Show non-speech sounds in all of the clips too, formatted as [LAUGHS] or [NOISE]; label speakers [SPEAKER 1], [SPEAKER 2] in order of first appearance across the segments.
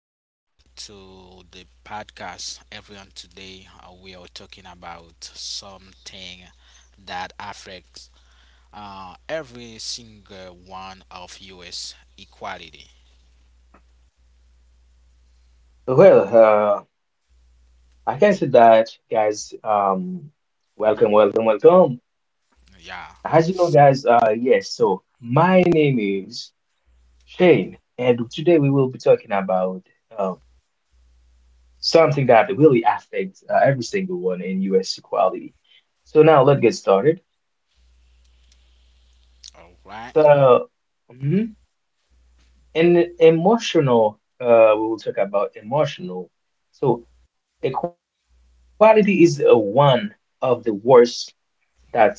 [SPEAKER 1] welcome back to the podcast, everyone. Today we are talking about something that affects every single one of U.S. equality.
[SPEAKER 2] Well, I can say that, guys. Welcome.
[SPEAKER 1] Yeah,
[SPEAKER 2] As you know, guys, yes, so my name is Shane, and today we will be talking about uh, something that really affects every single one in US equality. So now let's get started.
[SPEAKER 1] all right.
[SPEAKER 2] So, mhm, and emotional, we will talk about emotional. So, equality is one of the words that sounds simple.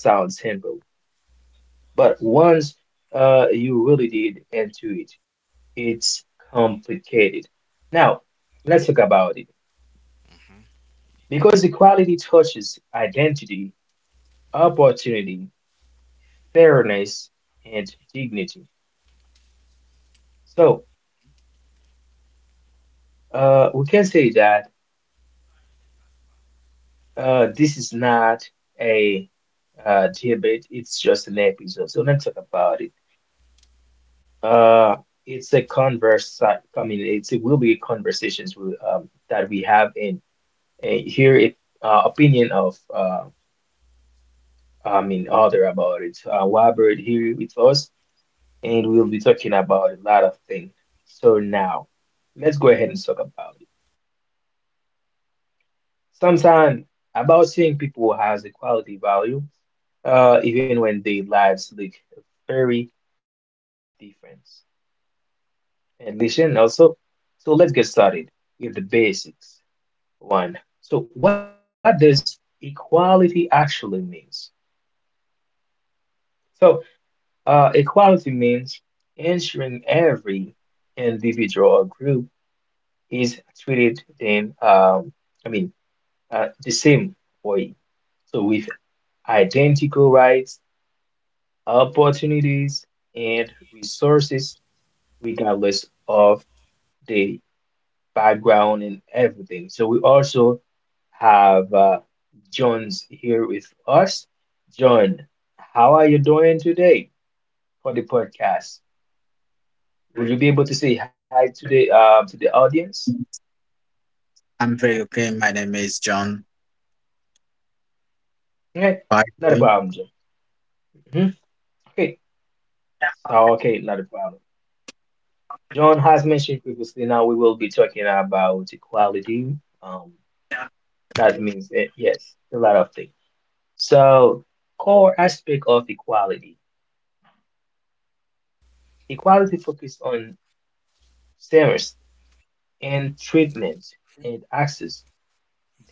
[SPEAKER 2] But once you really did into it, it's complicated. Now, let's talk about it.
[SPEAKER 1] Mm-hmm.
[SPEAKER 2] Because equality touches identity, opportunity, fairness, and dignity. So we can say that this is not a debate, it's just an episode. So let's talk about it. Uh, it's a converse, I mean, it's, it will be conversations we, that we have in. And hear it opinion of I mean other about it. Robert here with us, and we'll be talking about a lot of things. So now, let's go ahead and talk about it. Sometimes about seeing people has a quality value, even when their lives look very different. And listen also. So let's get started with the basics one. So what does equality actually means? So equality means ensuring every individual or group is treated in, I mean, the same way. So with identical rights, opportunities, and resources, regardless of the background and everything. So we also have John's here with us. John, how are you doing today for the podcast? Will you be able to say hi to the audience?
[SPEAKER 3] I'm very okay. My name is John.
[SPEAKER 2] Okay,
[SPEAKER 3] By
[SPEAKER 2] not
[SPEAKER 3] the
[SPEAKER 2] a
[SPEAKER 3] way,
[SPEAKER 2] problem, John. Mhm. Okay, so okay, not a problem. John has mentioned previously. Now we will be talking about equality. Um, that means yes, a lot of things. So core aspect of equality. Equality focuses on fairness and treatment and access,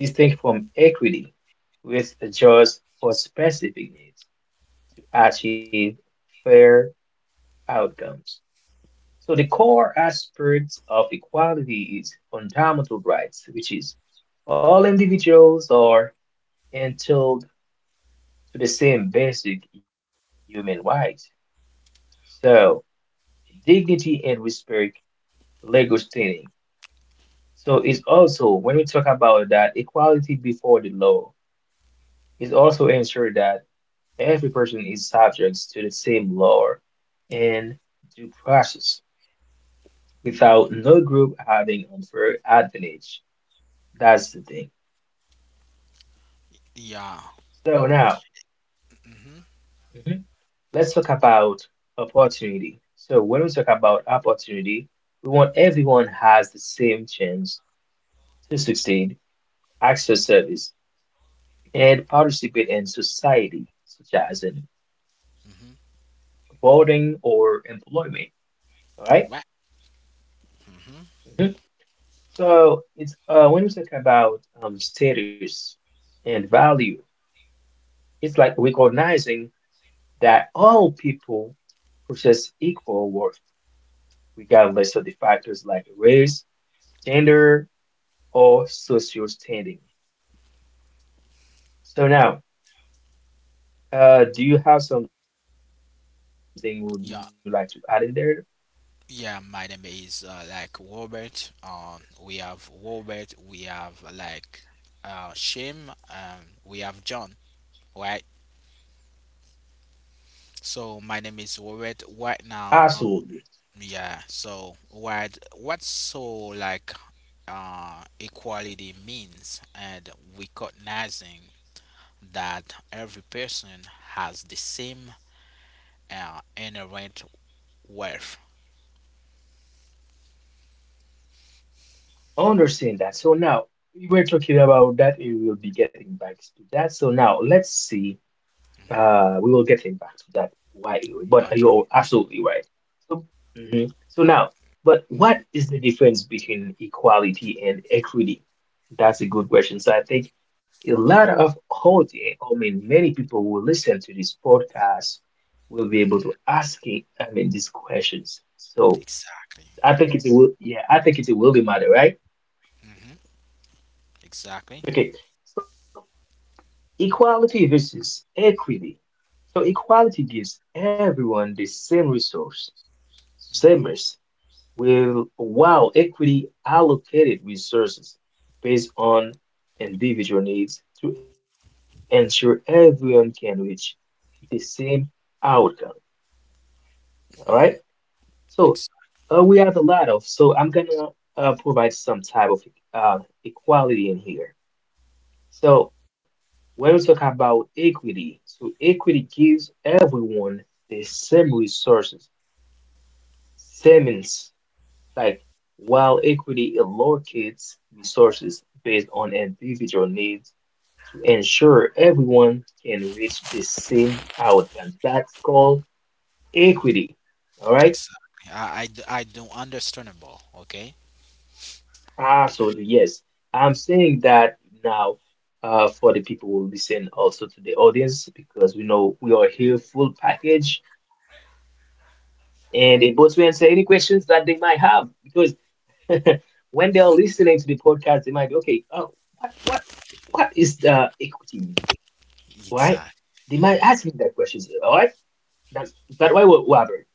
[SPEAKER 2] distinct from equity, which adjusts for specific needs to achieve fair outcomes. So the core aspect of equality is fundamental rights, which is all individuals are entitled to the same basic human rights. So dignity and respect, legal standing. So it's also when we talk about that equality before the law, is also ensure that every person is subject to the same law and due process
[SPEAKER 1] Mm-hmm.
[SPEAKER 2] without no group having unfair advantage. That's the thing.
[SPEAKER 1] Yeah.
[SPEAKER 2] So now,
[SPEAKER 1] Mm-hmm.
[SPEAKER 2] mhm, let's talk about opportunity. So when we talk about opportunity, we want everyone has the same chance to succeed, access service, and participate in society, such as in
[SPEAKER 1] Mm-hmm.
[SPEAKER 2] voting or employment. All right?
[SPEAKER 1] All right.
[SPEAKER 2] Mhm.
[SPEAKER 1] Mm-hmm.
[SPEAKER 2] So it's when we talk about status and value, it's like recognizing that all people possess equal worth. We got list of the factors like race, gender, or social standing. So now, do you have something would you like to add in there?
[SPEAKER 1] Yeah. Yeah, my name is like Robert. We have Robert. We have like Shim. We have John. Right? So my name is Warren. Right now,
[SPEAKER 2] Absolutely.
[SPEAKER 1] yeah. So what so like equality means, and recognizing that every person has the same inherent worth.
[SPEAKER 2] Understand that. So now we were talking about that, and we will be getting back to that. So now let's see.
[SPEAKER 1] Hmm.
[SPEAKER 2] We will get it back to that why,
[SPEAKER 1] Okay.
[SPEAKER 2] but you're absolutely right. So, mhm.
[SPEAKER 1] Uh,
[SPEAKER 2] So now, but what is the difference between equality and equity? That's a good question. So I think a lot of audience, I mean, many people who listen to this podcast will be able to ask it, I mean, these questions. So
[SPEAKER 1] exactly.
[SPEAKER 2] I think it's a will, yeah, I think it's a will matter, right?
[SPEAKER 1] Hmm. Exactly.
[SPEAKER 2] Okay. So, equality versus equity. So equality gives everyone the same resource,
[SPEAKER 1] Hmm.
[SPEAKER 2] savers, will while equity allocated resources based on individual needs to ensure everyone can reach the same outcome. All
[SPEAKER 1] Hmm.
[SPEAKER 2] right. So
[SPEAKER 1] Exactly.
[SPEAKER 2] we have a lot of. So I'm gonna provide some type of uh, equality in here. So when we talk about equity, so equity gives everyone the same resources, same means, like while equity allocates resources based on individual needs to ensure everyone can reach the same outcome. That's called
[SPEAKER 1] Hmm.
[SPEAKER 2] equity. All right.
[SPEAKER 1] Exactly. I don't understandable. Okay.
[SPEAKER 2] Absolutely, yes. I'm saying that now for the people who listen also to the audience because we know we are here full package and able to answer any questions that they might have because [LAUGHS] when they are listening to the podcast, they might be okay, oh, what what is the equity mean? Why they
[SPEAKER 1] Exactly.
[SPEAKER 2] might ask
[SPEAKER 1] Hmm.
[SPEAKER 2] me that questions, all right? That's that why we're Robert.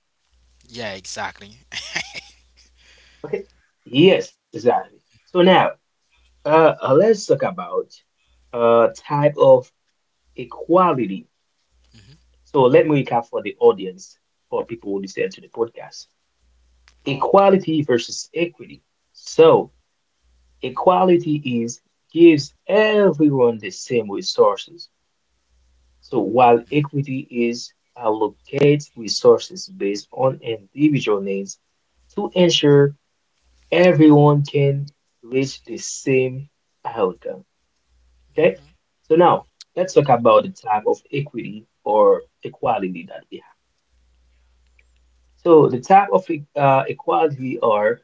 [SPEAKER 1] Yeah. Exactly.
[SPEAKER 2] Okay. Yes, exactly. So now let's talk about type of equality.
[SPEAKER 1] [LAUGHS]
[SPEAKER 2] So let me recap for the audience, for people who listen to the podcast.
[SPEAKER 1] Okay.
[SPEAKER 2] Equality versus equity. So equality is gives everyone the same resources. So while equity is allocates resources based on individual needs to ensure everyone can reach the same outcome. Okay. So now let's talk about the type of equity or equality that we have. So the type of equality are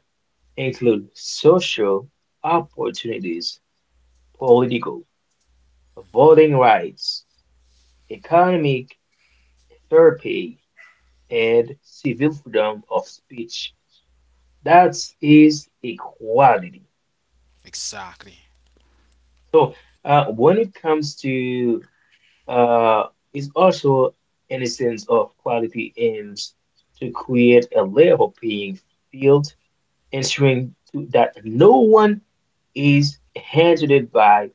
[SPEAKER 2] include social opportunities, political,
[SPEAKER 1] Mhm.
[SPEAKER 2] voting rights, economic fair pay, and civil freedom of speech. That is equality.
[SPEAKER 1] Exactly.
[SPEAKER 2] So when it comes to uh, is also an essence of quality aims to create a level playing field, ensuring to, that no one is handled by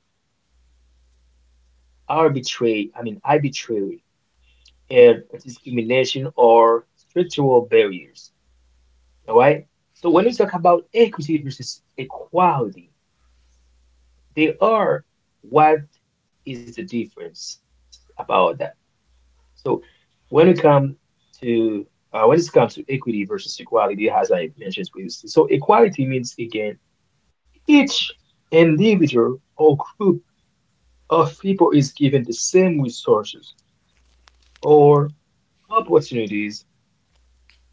[SPEAKER 2] arbitrary, I mean arbitrary and discrimination or structural barriers. All right. So when we talk about equity versus equality, they are what is the difference about that? So when it comes to when it comes to equity versus equality, as I mentioned previously, so equality means again each individual or group of people is given the same resources or opportunities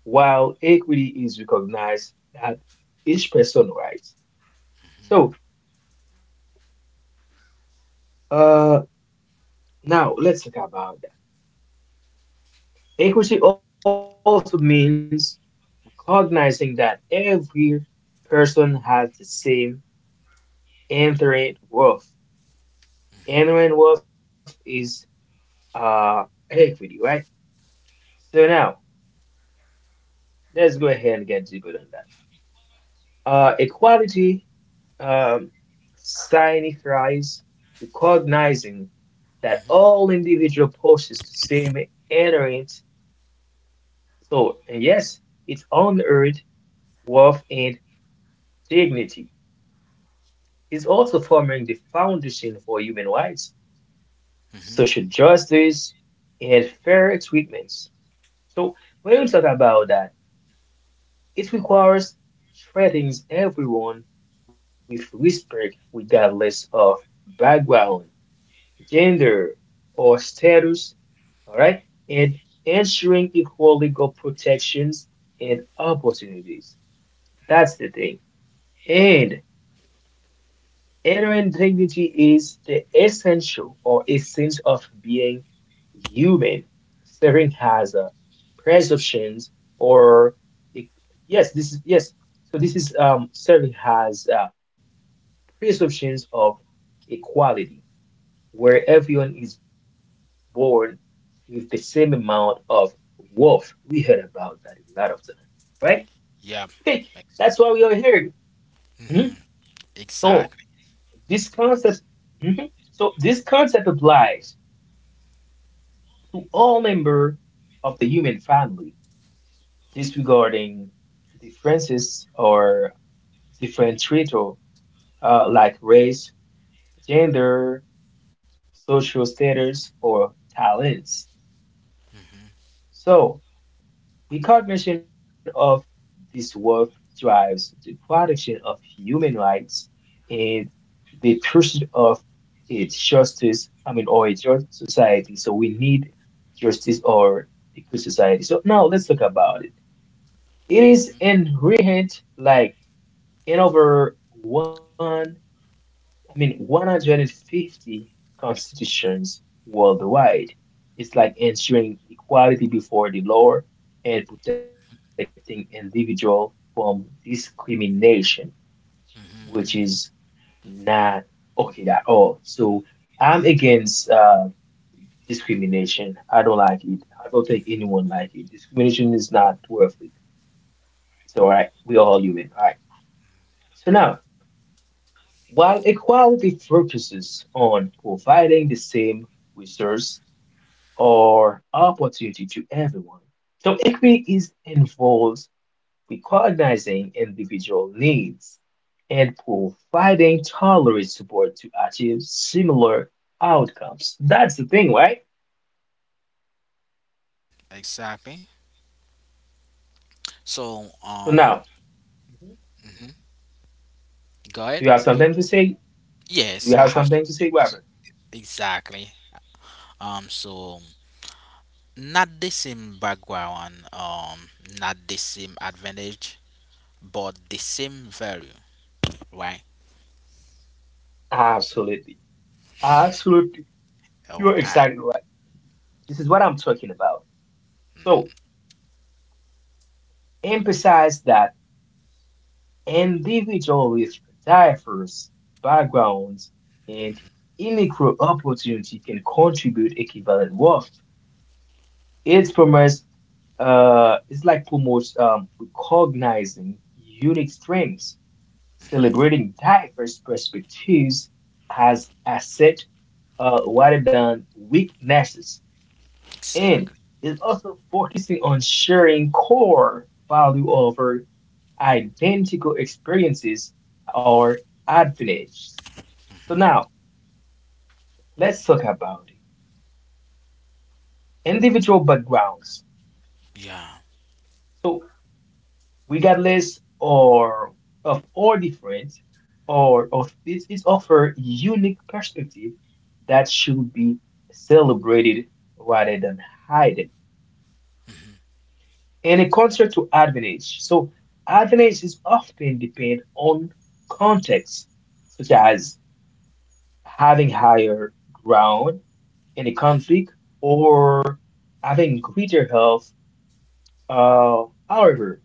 [SPEAKER 2] while equity is recognized that each person rights. So uh, now let's talk about that. Equity also means recognizing that every person has the same inherent worth. Inherent worth is uh, equity, right? So now let's go ahead and get deeper on that. Equality um, Sinithrice, recognizing that
[SPEAKER 1] Mm-hmm.
[SPEAKER 2] all individual possess the same inherent thought, and yes, its unearned worth and dignity, is also forming the foundation for human rights,
[SPEAKER 1] Mm-hmm.
[SPEAKER 2] social justice, and fair treatments. So when we talk about that, it requires treating everyone with respect regardless of background gender, or status, all right, and ensuring equal legal protections and opportunities. That's the thing. And honor and dignity is the essential or essence of being human, serving as a presumptions or it- yes, this is yes. So this is serving as presumptions of equality,
[SPEAKER 1] Oh,
[SPEAKER 2] where everyone is born with the same amount of wealth. We heard about that a lot of time, right? Okay,
[SPEAKER 1] yeah.
[SPEAKER 2] that's why we
[SPEAKER 1] Ex-
[SPEAKER 2] are here. Mhm.
[SPEAKER 1] mhm,
[SPEAKER 2] So
[SPEAKER 1] exactly.
[SPEAKER 2] this concept, mhm. so this concept applies to all members of the human family, disregarding differences or different treatment like race, gender, social status, or talents.
[SPEAKER 1] Hmm.
[SPEAKER 2] So recognition of this worth drives the protection of human rights and the pursuit of a justice, I mean, or a just society. So we need justice or a good society. So now let's talk about it. It is inherent like in over one. I mean, 150 constitutions worldwide. It's like ensuring equality before the law and protecting individual from discrimination, which is not okay at all. So I'm against discrimination. I don't like it. I don't think anyone like it. Discrimination is not worth it. It's all right. We all human. All right. So now. While equality focuses on providing the same resource or opportunity to everyone, so equity is involves recognizing individual needs and providing tolerant support to achieve similar outcomes. That's the thing, right?
[SPEAKER 1] Exactly. So,
[SPEAKER 2] So now, mhm.
[SPEAKER 1] mhm. go
[SPEAKER 2] Do
[SPEAKER 1] ahead.
[SPEAKER 2] you have
[SPEAKER 1] You,
[SPEAKER 2] something to say? Do
[SPEAKER 1] yes,
[SPEAKER 2] you
[SPEAKER 1] I
[SPEAKER 2] have
[SPEAKER 1] have
[SPEAKER 2] something to say, Robert?
[SPEAKER 1] exactly. So not the same background, not the same advantage, but the same value, right?
[SPEAKER 2] Absolutely. Absolutely.
[SPEAKER 1] All
[SPEAKER 2] You're
[SPEAKER 1] right.
[SPEAKER 2] exactly right. This is what I'm talking about. So emphasize that individuals with diverse backgrounds and unequal opportunity can contribute equivalent worth. It promotes, it's like promotes recognizing unique strengths, celebrating diverse perspectives as asset rather than weaknesses, and
[SPEAKER 1] Exactly.
[SPEAKER 2] is also focusing on sharing core value over identical experiences or advantages. So now let's talk about it. Individual backgrounds.
[SPEAKER 1] Yeah.
[SPEAKER 2] So we got lists or of all different or of this is offer unique perspective that should be celebrated rather than hidden. And a contrast to advantage. So advantage is often depend on context, such as having higher ground in a conflict or having greater health. However,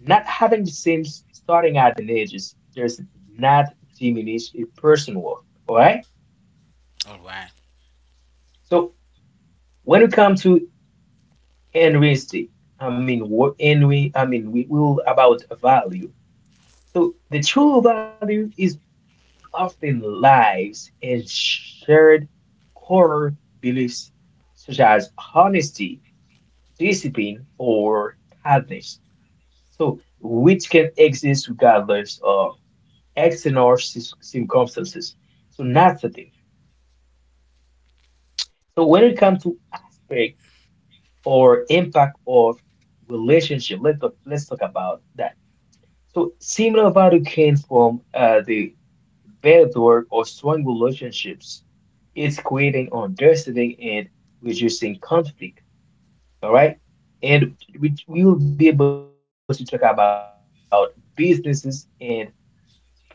[SPEAKER 2] not having the same starting at an age is just not diminish a person worth. All right.
[SPEAKER 1] All right.
[SPEAKER 2] So when we come to enlisting, I mean what envy, I mean we will about value. So the true value is often lives and shared core beliefs such as honesty, discipline, or kindness. So, which can exist regardless of external circumstances. So, that's the thing. So, when it comes to aspect or impact of relationship, let's talk about that. So, similar value came from the better or strong relationships. It's creating understanding and reducing conflict. All right. And we will be able to talk about businesses and perspective right now.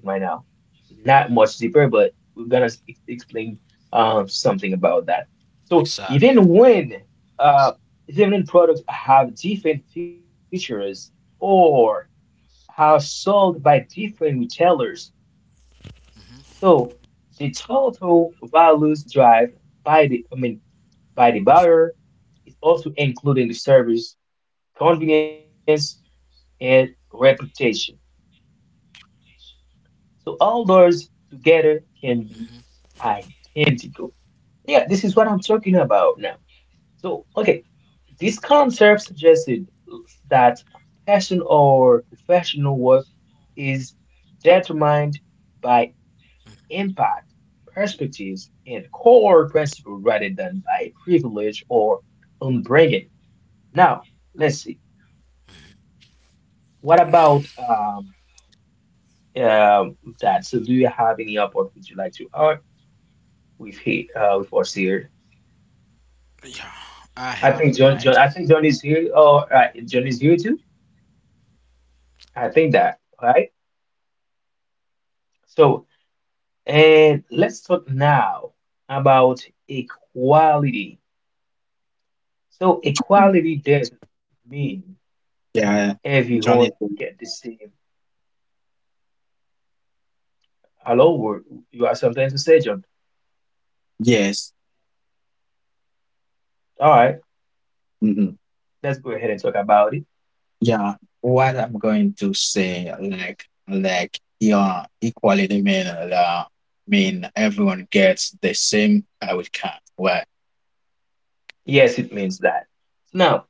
[SPEAKER 2] Not much deeper, but we've got to explain something about that. So even when
[SPEAKER 1] Exactly.
[SPEAKER 2] uh, different products have different features or are sold by different retailers, so
[SPEAKER 1] Hmm.
[SPEAKER 2] the total values drive by the I mean by the buyer is also including the service, convenience, and reputation. So all
[SPEAKER 1] Hmm.
[SPEAKER 2] those together can be identical. Yeah, this is what I'm talking about now. So, okay, this concept suggested that passion or professional worth is determined by impact, perspectives, and core principle rather than by privilege or upbringing. Now, let's see. What about that? So, do you have any upward would you like to add with he with us here?
[SPEAKER 1] Yeah. I have
[SPEAKER 2] I think
[SPEAKER 1] like.
[SPEAKER 2] John is here or John is here too. I think that, right? So, and let's talk now about equality. So equality doesn't mean
[SPEAKER 3] yeah,
[SPEAKER 2] everyone
[SPEAKER 3] John is
[SPEAKER 2] get the same. Hello, you have something to say, John?
[SPEAKER 3] yes.
[SPEAKER 2] All right,
[SPEAKER 3] hmm
[SPEAKER 2] let's go ahead and talk about it.
[SPEAKER 3] Yeah, what I'm going to say, yeah, equality mean everyone gets the same outcome. Right?
[SPEAKER 2] Yes, it means that. Now,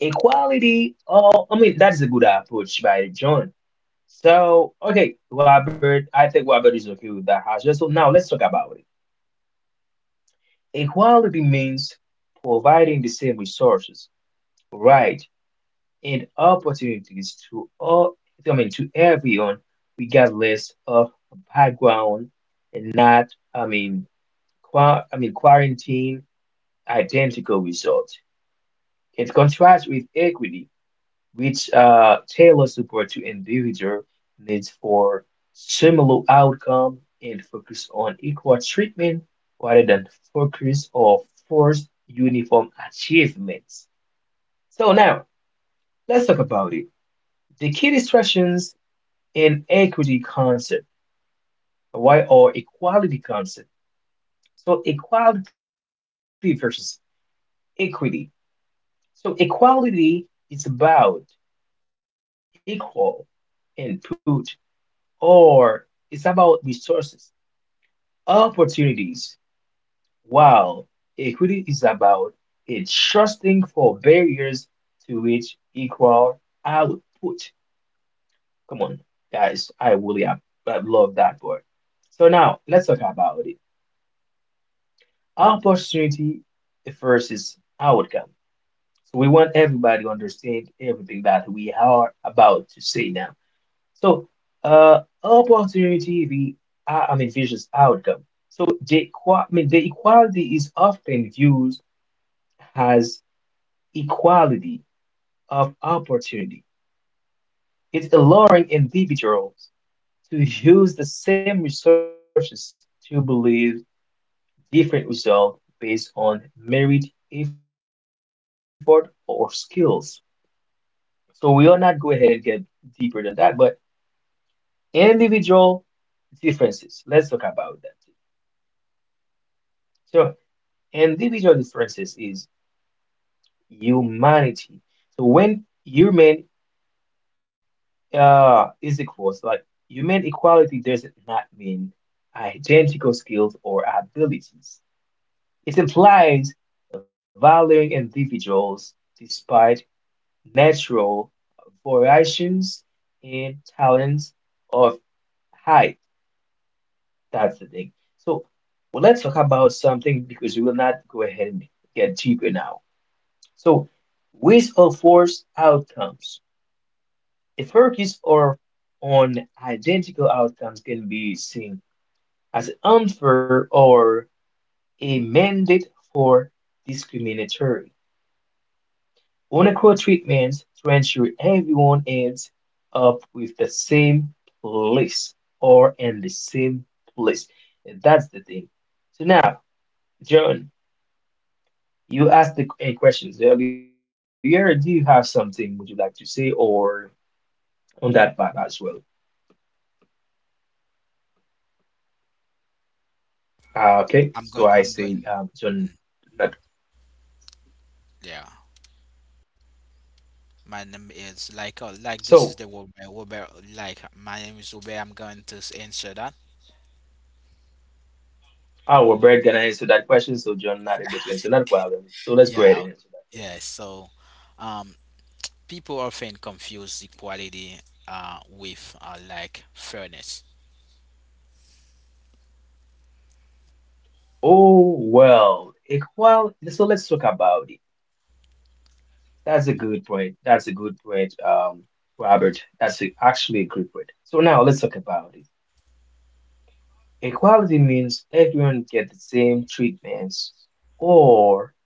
[SPEAKER 2] equality, that's a good approach by John. So, okay, Robert, I think Robert is okay with that. So now let's talk about it. Equality means providing the same resources, rights, and opportunities to all, I mean, to everyone, regardless of background, and not, I mean, quarantine identical results. It contrasts with equity, which tailor support to individual needs for similar outcome and focus on equal treatment rather than focus or forced uniform achievements. So now let's talk about it. The key distractions in equity concept, why or equality concept. So equality versus equity. So equality is about equal input or it's about resources opportunities. While equity is about a trusting for barriers to reach equal output. Come on, guys, I love that word. So now let's talk about it. Opportunity versus outcome. So we want everybody to understand everything that we are about to say now. So, opportunity we are, I mean, versus outcome. So the equality is often viewed as equality of opportunity. It's allowing individuals to use the same resources to believe different results based on merit, effort, or skills. So we will not go ahead and get deeper than that, but individual differences. Let's talk about that. So, and the visual differences is humanity. So when human is equals, like human equality does not mean identical skills or abilities. It implies valuing individuals despite natural variations in talents of height. That's the thing. So well, let's talk about something because we will not go ahead and get deeper now. So, with of worse outcomes? The focus or on identical outcomes can be seen as unfair or a mandate for discriminatory. Unequal treatment to ensure everyone ends up with the same place or in the same place. And that's the thing. So now, John, you asked the a questions earlier. Do you have something would you like to say or on that part as well? Okay,
[SPEAKER 1] I'm
[SPEAKER 2] so
[SPEAKER 1] going.
[SPEAKER 2] I
[SPEAKER 1] I'm
[SPEAKER 2] say
[SPEAKER 1] going.
[SPEAKER 2] John.
[SPEAKER 1] Mm,
[SPEAKER 2] Not,
[SPEAKER 1] yeah. My name is like this is the
[SPEAKER 2] so
[SPEAKER 1] Robert. Robert, like my name is Robert. I'm going to answer that.
[SPEAKER 2] our Brad gonna answer that question, so John not able to
[SPEAKER 1] [LAUGHS]
[SPEAKER 2] answer that problem. So let's go
[SPEAKER 1] Yeah.
[SPEAKER 2] ahead and answer that question.
[SPEAKER 1] Yeah. So, um, people often confuse equality with like fairness.
[SPEAKER 2] So let's talk about it. That's a good point. That's a good point, Robert. That's actually a good point. So now let's talk about it. Equality means everyone get the same treatments or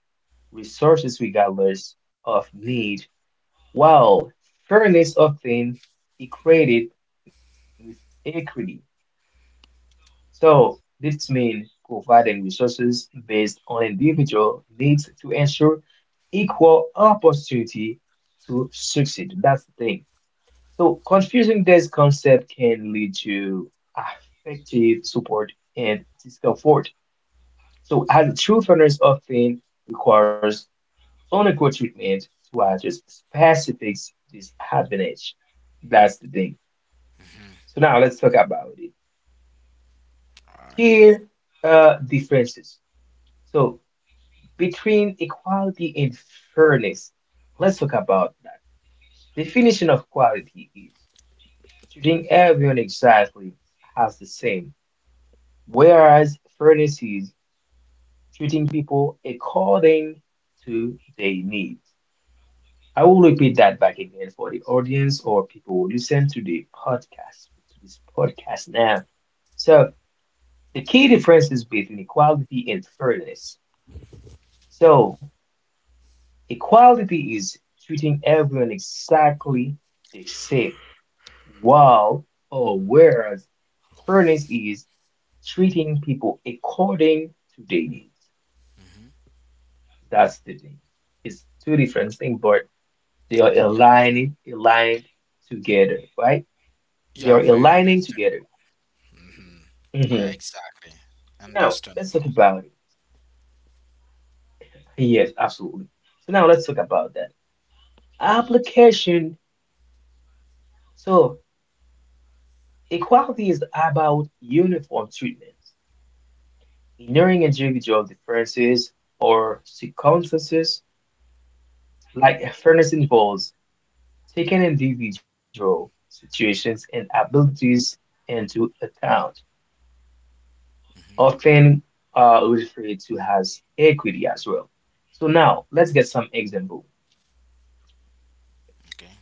[SPEAKER 2] resources regardless of need. While fairness often equated with equity. So this means providing resources based on individual needs to ensure equal opportunity to succeed. That's the thing. So confusing this concept can lead to affective support and discomfort. So as truth fairness often requires unequal treatment to address specific disadvantage. That's the thing.
[SPEAKER 1] Hmm.
[SPEAKER 2] So now let's talk about it.
[SPEAKER 1] Okay.
[SPEAKER 2] Here, differences. So between equality and fairness, let's talk about that. Definition of quality is treating everyone exactly as the same, whereas fairness is treating people according to their needs. I will repeat that back again for the audience or people who listen to the podcast, to this podcast now. So, the key difference is between equality and fairness. So, equality is treating everyone exactly the same, while or whereas fairness is treating people according to their needs.
[SPEAKER 1] Hmm.
[SPEAKER 2] That's the thing. It's two different things, but they
[SPEAKER 1] Yeah.
[SPEAKER 2] are aligned together, right?
[SPEAKER 1] Yeah. Very
[SPEAKER 2] They are
[SPEAKER 1] understandable.
[SPEAKER 2] aligning together.
[SPEAKER 1] Hmm. Yeah. Exactly.
[SPEAKER 2] Mhm. So now let's talk
[SPEAKER 1] Understandable.
[SPEAKER 2] about it. Yes, absolutely. So now let's talk about that application. So equality is about uniform treatment, ignoring individual differences or circumstances, like fairness involves taking individual situations and abilities into account,
[SPEAKER 1] Hmm.
[SPEAKER 2] often referred to as equity as well. So now let's get some example.
[SPEAKER 1] Okay.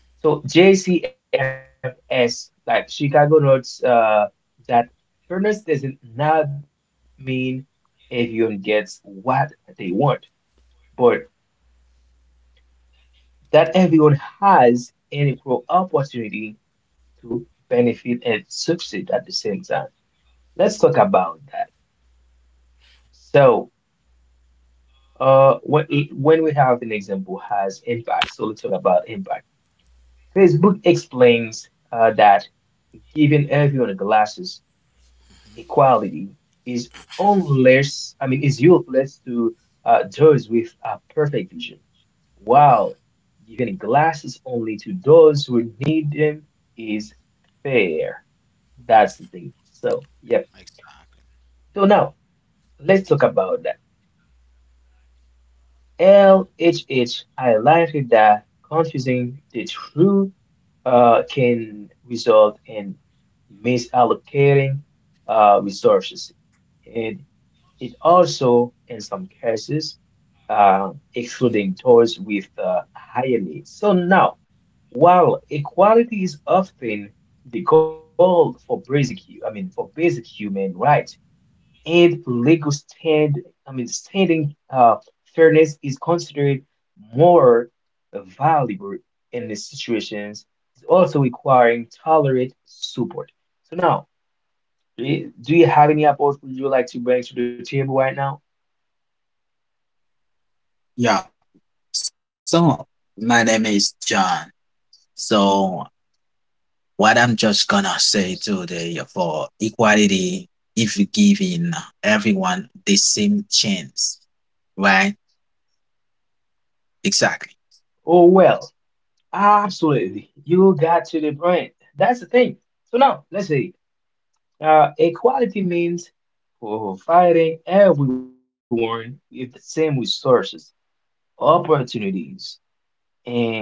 [SPEAKER 2] So JCFS, like Chicago notes that fairness doesn't not mean everyone gets what they want, but that everyone has an equal opportunity to benefit and succeed at the same time. Let's talk about that. So, when when we have an example has impact, so let's talk about impact. Facebook explains that giving everyone glasses equality is unless I mean is useless to those with a perfect vision, while giving glasses only to those who need them is fair. That's the thing. So yep.
[SPEAKER 1] Exactly.
[SPEAKER 2] So now let's talk about that. LHH highlighted that confusing the truth can result in misallocating resources. And it also, in some cases, uh, excluding those with higher needs. So now, while equality is often the goal for basic, hu- I mean, for basic human rights and legal stand, I mean, standing fairness is considered more valuable in these situations, it's also requiring tolerant support. So now, do you have any approach would you like to bring to the table right now?
[SPEAKER 3] Yeah. So my name is John. So what I'm just gonna say today for equality, if giving everyone the same chance, right? Exactly.
[SPEAKER 2] Oh well. Absolutely. You got to the point. That's the thing. So now, let's say equality means providing everyone with the same resources, opportunities, and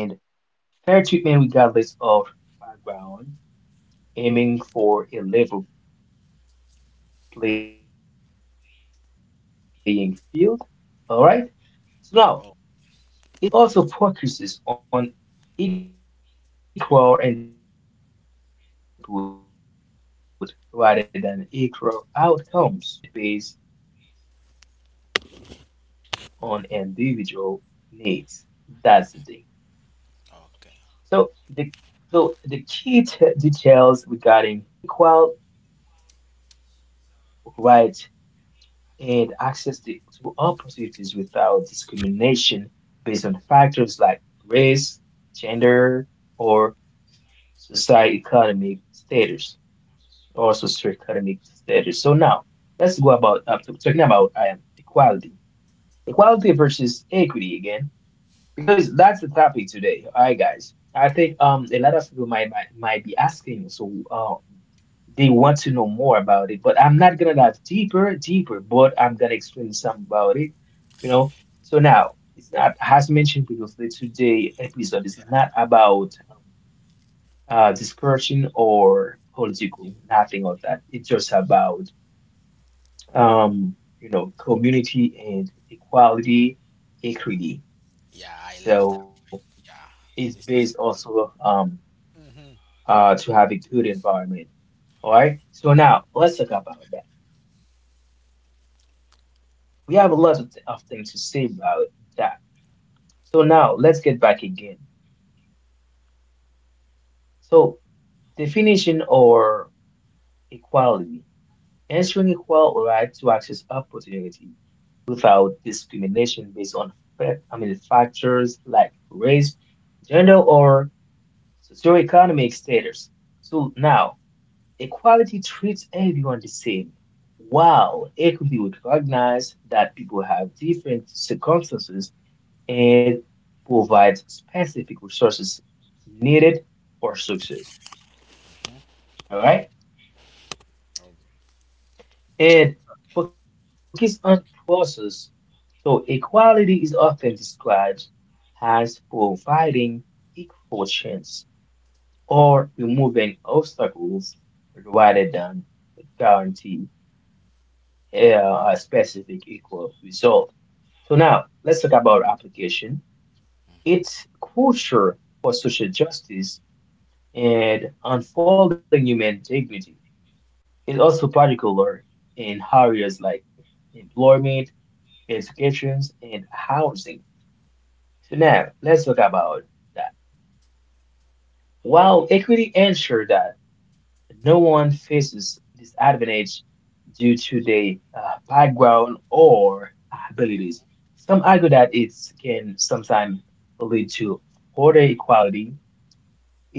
[SPEAKER 2] fair treatment regardless of background, aiming for a level playing field. All right. So now, it also focuses on
[SPEAKER 1] Oh.
[SPEAKER 2] equal input rather than equal outcomes, distinct from equity. So, which tailor support based on individual needs. That's the thing. So the the key
[SPEAKER 1] Okay.
[SPEAKER 2] t- details regarding equality is so ensuring equal rights and access to opportunities without discrimination based on factors like race, gender, or socioeconomic status. Also strict academic status. So now let's go about talking about equality, equality versus equity again, because that's the topic today. All right, guys. I think a lot of people might be asking, so they want to know more about it. But I'm not gonna dive deeper. But I'm gonna explain some about it. You know. So now it's not as mentioned previously. Today episode is not about discouraging or political, nothing of that. It's just about um, community and equality, equity.
[SPEAKER 1] Yeah. I
[SPEAKER 2] So
[SPEAKER 1] love that. Yeah.
[SPEAKER 2] it's based
[SPEAKER 1] This is
[SPEAKER 2] also
[SPEAKER 1] a.
[SPEAKER 2] to have a good environment. All right. So now let's talk about that. We have a lot of,
[SPEAKER 1] Hmm.
[SPEAKER 2] of things to say about that. So now let's get back again. So definition or equality, ensuring equal right to access opportunity without discrimination based on factors like race, gender, or socioeconomic status. So now, equality treats everyone the same, while equity would recognize that people have different circumstances and provides specific resources needed for success. All right?
[SPEAKER 1] Okay.
[SPEAKER 2] And focus on process. So equality is often described as providing equal chance or removing obstacles rather than guarantee a specific equal result. So now let's talk about application.
[SPEAKER 1] Hmm.
[SPEAKER 2] It's crucial for social justice and unfolding human dignity. It's also particular in areas like employment education, and housing. So now let's talk about that. While equity ensures that no one faces disadvantage due to their background or abilities, some argue that it can sometimes lead to further equality.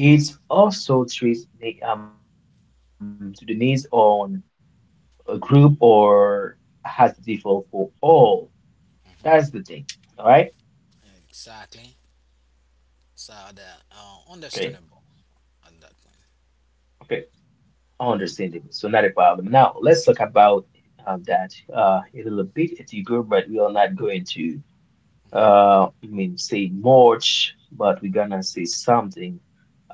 [SPEAKER 2] It also treats to the needs on a group or has the default for all. That's the thing.
[SPEAKER 1] Hmm.
[SPEAKER 2] All right.
[SPEAKER 1] Exactly. So that
[SPEAKER 2] Okay.
[SPEAKER 1] understandable at that point.
[SPEAKER 2] Okay. Understandable. So not a problem. Now let's talk about that a little bit at but we are not going to say much, but we're gonna say something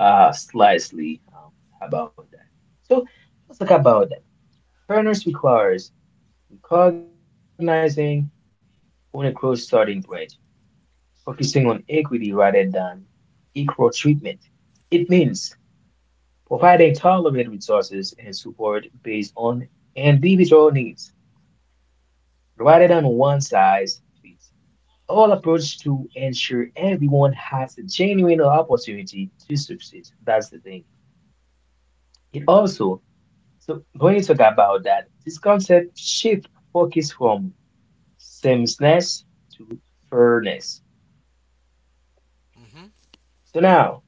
[SPEAKER 2] slightly about that. So let's talk about that. Fairness requires recognizing on a close starting point, focusing on equity rather than equal treatment. It means providing targeted resources and support based on individual needs rather than one size fits all approach to ensure everyone has a genuine opportunity to succeed. That's the thing. It also, so when you talk about that, this concept shift focus from sameness to fairness.
[SPEAKER 1] Hmm. Hmm.
[SPEAKER 2] So now,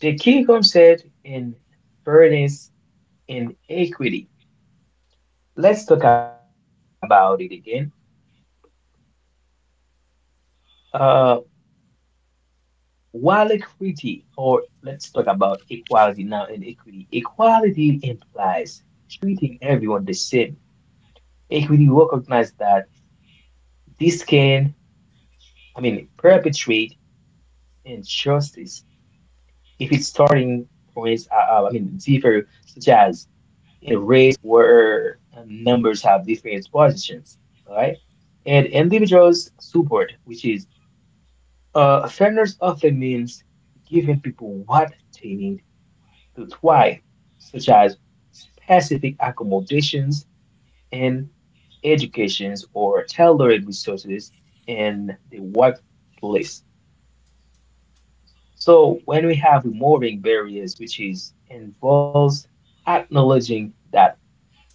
[SPEAKER 2] the key concept in fairness and equity. Let's talk about it again. Uh, while equity, or let's talk about equality now and equity. Equality implies treating everyone the same. Equity recognizes that this can, I mean, perpetuate injustice if its starting points are, differ, such as in a race where numbers have different positions, all right? And individuals' support, which is fairness often means giving people what they need its why, such as specific accommodations and educations or tailored resources in the workplace. So when we have removing barriers, which is involves acknowledging that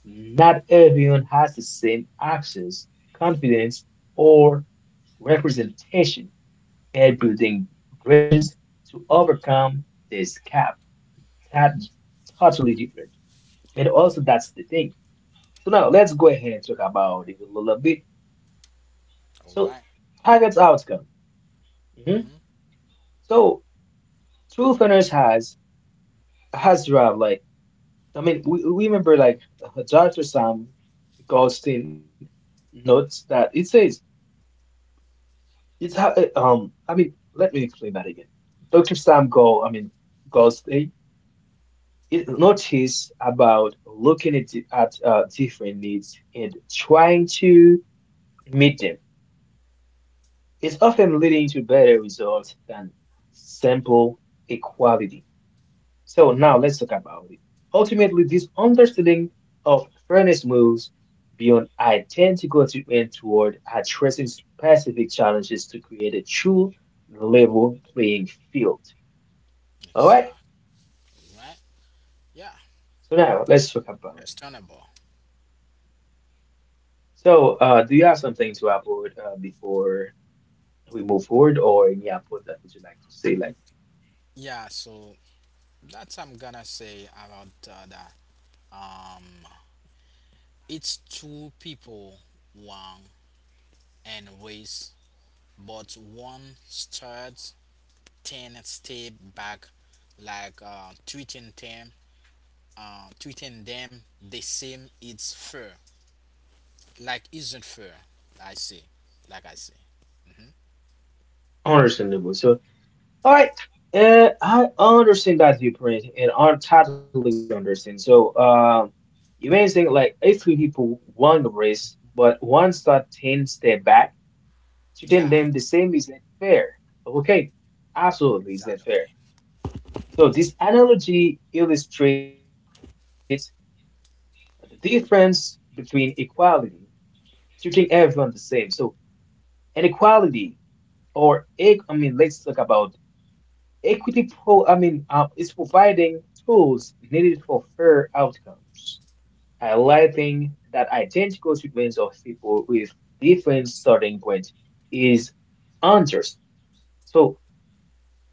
[SPEAKER 2] not everyone has the same access, confidence, or representation, and building bridges to overcome this gap. That totally different. And also that's the thing. So now let's go ahead and talk about it a little bit.
[SPEAKER 1] All right.
[SPEAKER 2] So target's outcome. hmm
[SPEAKER 1] Mm-hmm.
[SPEAKER 2] So true finish has derived like we remember like [LAUGHS] Dr. Sam Goldstein notes that it says I mean let me explain that again. Dr. Sam Goldstein it noticed about looking at, at different needs and trying to meet them is often leading to better results than simple equality. So now let's talk about it. Ultimately, this understanding of fairness moves beyond identical treatment toward addressing specific challenges to create a true level playing field. All right.
[SPEAKER 1] Exactly. Right. Yeah.
[SPEAKER 2] So now let's talk about it.
[SPEAKER 1] Understandable.
[SPEAKER 2] So, do you have something to upload before we move forward, or any upload that would you like to say, like
[SPEAKER 1] Yeah. So that's I'm gonna say about that. Um, it's two people, one and ways, but one starts 10 step back, like treating them the same. It's fair. Like isn't fair. I see. Like I see.
[SPEAKER 2] understandable? So all right. I understand that viewpoint and I totally understand. So, you may think like if three people won the race, but one start 10 step back, treating
[SPEAKER 1] Yeah.
[SPEAKER 2] them the same isn't fair. Okay,
[SPEAKER 1] Is
[SPEAKER 2] absolutely
[SPEAKER 1] that
[SPEAKER 2] isn't
[SPEAKER 1] okay?
[SPEAKER 2] fair. So, this analogy illustrates the difference between equality, treating everyone the same. So, inequality, or, let's talk about equity is providing tools needed for fair outcomes,
[SPEAKER 1] Hmm.
[SPEAKER 2] highlighting that identical treatments of people with different starting points is unjust. So,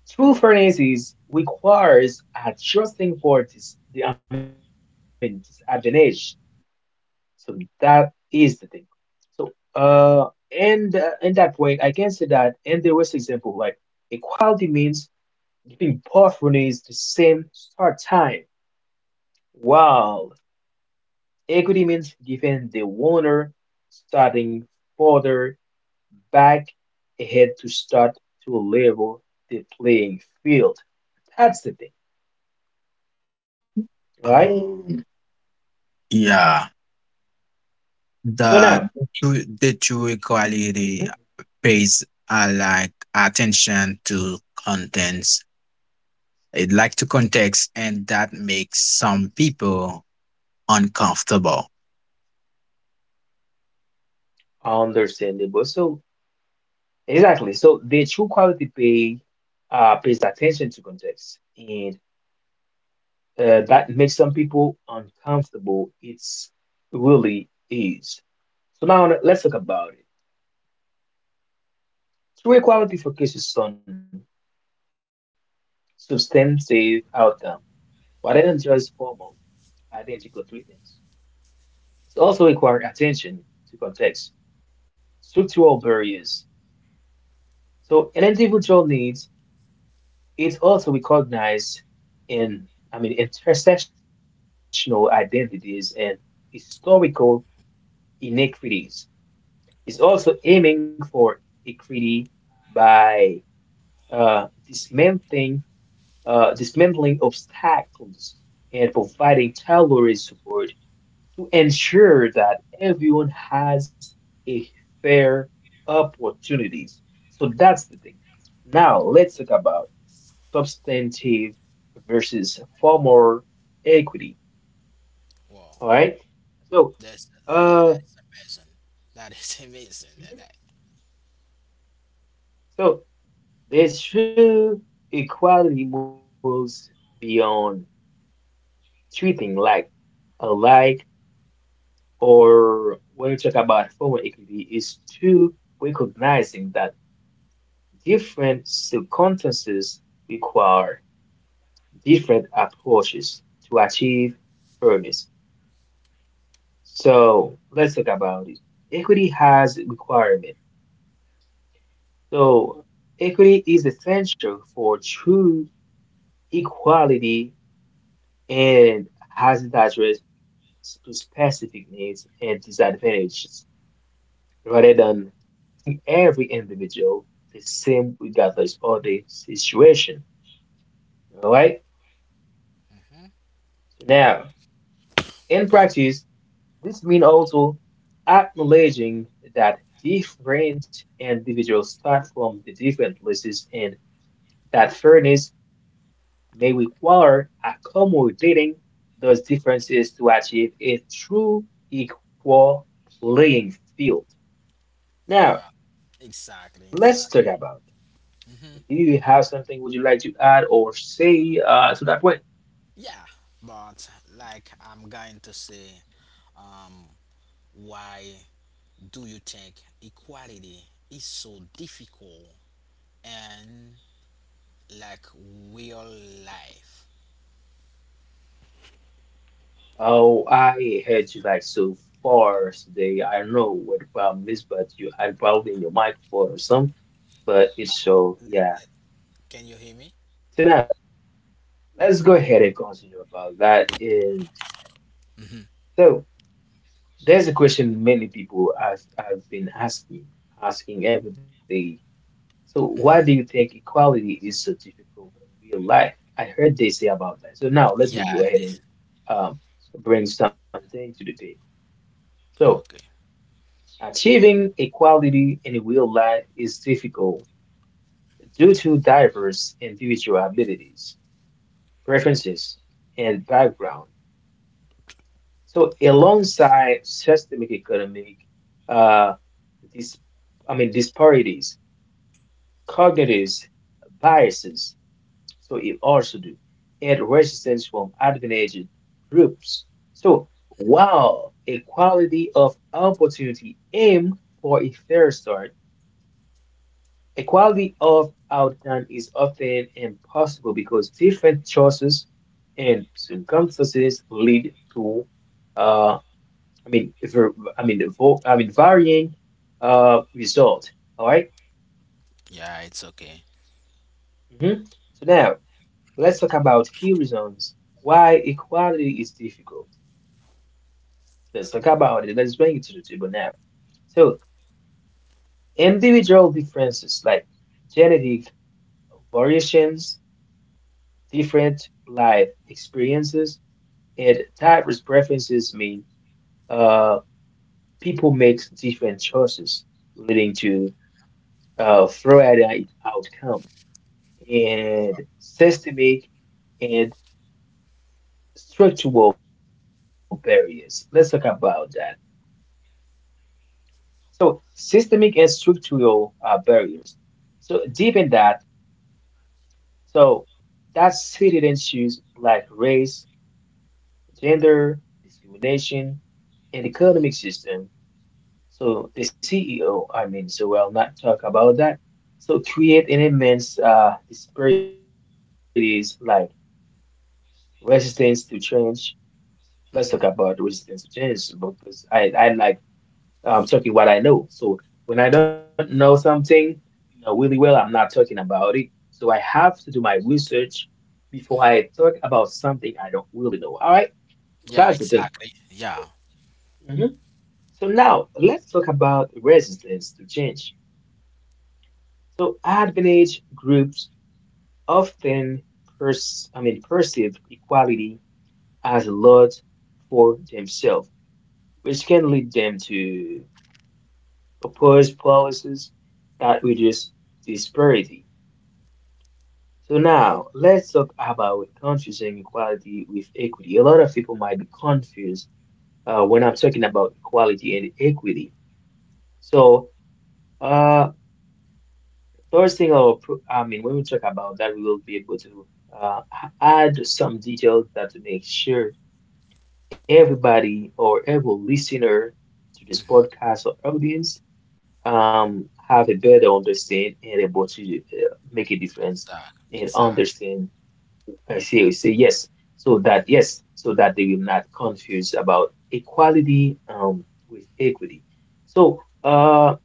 [SPEAKER 2] true fairness is requires adjusting for this disadvantage. So that is the thing. So, and in that point, I can say that in the worst example, like equality means I both runners the same start time, while equity means giving the winner starting further back ahead to start to level the playing field. That's the thing, right?
[SPEAKER 3] Um, yeah,
[SPEAKER 2] So now,
[SPEAKER 3] the the true
[SPEAKER 2] mhm,
[SPEAKER 3] quality pays like attention to contents. It like to context, and that makes some people uncomfortable.
[SPEAKER 2] understandable. So exactly. So the true quality pays attention to context and that makes some people uncomfortable. It's really is. So now let's talk about it. True equality focuses on substantive outcome, rather than just formal identical treatments. It's also required attention to context, structural barriers. So an individual needs is also recognized in, intersectional identities and historical inequities. Is also aiming for equity by uh, dismantling, dismantling obstacles and providing tailored support to ensure that everyone has a fair opportunities. So that's the thing. Now let's talk about substantive versus formal equity.
[SPEAKER 1] Wow.
[SPEAKER 2] All right. So,
[SPEAKER 1] That's yeah. That is
[SPEAKER 2] uh,
[SPEAKER 1] amazing. That is [LAUGHS] amazing.
[SPEAKER 2] so this true equality moves beyond treating like alike, or when we talk about formal equity, is to recognizing that different circumstances require different approaches to achieve fairness. So let's talk about it. Equity has requirement. So equity is essential for true equality and has to address to specific needs and disadvantages rather than treating every individual the same regardless of the situation. All right.
[SPEAKER 1] Mhm.
[SPEAKER 2] So now, in practice, this means also acknowledging that different individuals start from the different places and that fairness may require accommodating those differences to achieve a true equal playing field.
[SPEAKER 1] Yeah.
[SPEAKER 2] Now,
[SPEAKER 1] Exactly.
[SPEAKER 2] let's talk
[SPEAKER 1] Exactly.
[SPEAKER 2] about it. Do you have something would you like to add or say to that point?
[SPEAKER 1] Yeah. But like I'm going to say, um, why do you think equality is so difficult and like real life?
[SPEAKER 2] Oh, I heard you like so far today. I don't know what the problem is, but you had probably in your microphone or some, but it's so yeah.
[SPEAKER 1] Can you hear me?
[SPEAKER 2] So now let's go ahead and continue about that. And
[SPEAKER 1] Mhm,
[SPEAKER 2] so there's a question many people have been asking, asking every day. So
[SPEAKER 1] mhm.
[SPEAKER 2] why do you think equality is so difficult in real life? I heard they say about that. So
[SPEAKER 1] Yeah.
[SPEAKER 2] now let me go ahead and um, bring something to the table.
[SPEAKER 1] Okay.
[SPEAKER 2] So achieving equality in real life is difficult due to diverse individual abilities, preferences, and background. So alongside systemic economic, uh, dis- disparities, cognitive biases. So it also do, and resistance from advantaged groups. So while equality of opportunity aim for a fair start, equality of outcome is often impossible because different choices and circumstances lead to uh, I mean, if we're, I mean, I mean, varying result. All right.
[SPEAKER 1] Yeah, it's okay.
[SPEAKER 2] Mm-hmm. So now let's talk about key reasons why equality is difficult. Let's talk about it. Let's bring it to the table now. So individual differences like genetic variations, different life experiences, and diverse preferences mean uh, people make different choices, leading to varied outcome. And systemic and structural barriers. Let's talk about that. So, systemic and structural barriers. So, deep in that, so that's seated issues like race, gender, discrimination, and
[SPEAKER 1] Mm-hmm.
[SPEAKER 2] economic system. So, the CEO, I mean, so we'll not talk about that. So, create an immense disparities like resistance to change. Let's talk about
[SPEAKER 1] Hmm.
[SPEAKER 2] resistance to change because I like talking what I know. So when I don't know something, you know, really well, I'm not talking about it. So I have to do my research before I talk about something I don't really know. All right,
[SPEAKER 1] Yeah,
[SPEAKER 2] that's the thing.
[SPEAKER 1] exactly.
[SPEAKER 2] So,
[SPEAKER 1] Yeah.
[SPEAKER 2] mhm. So now let's talk about resistance to change. So advantage groups often pers I mean perceive equality as a lot for themselves, which can lead them to opposed policies that reduce disparity. So now let's talk about confusing equality with equity. A lot of people might be confused when I'm talking about equality and equity. So uh, those things are, when we talk about that, we will be able to uh, add some details that to make sure everybody or every listener to this
[SPEAKER 1] Hmm.
[SPEAKER 2] podcast or audience have a better understanding and able to make a difference and
[SPEAKER 1] Exactly.
[SPEAKER 2] understand. I say, oh, say yes, so that yes, so that they will not confuse about equality with equity. So,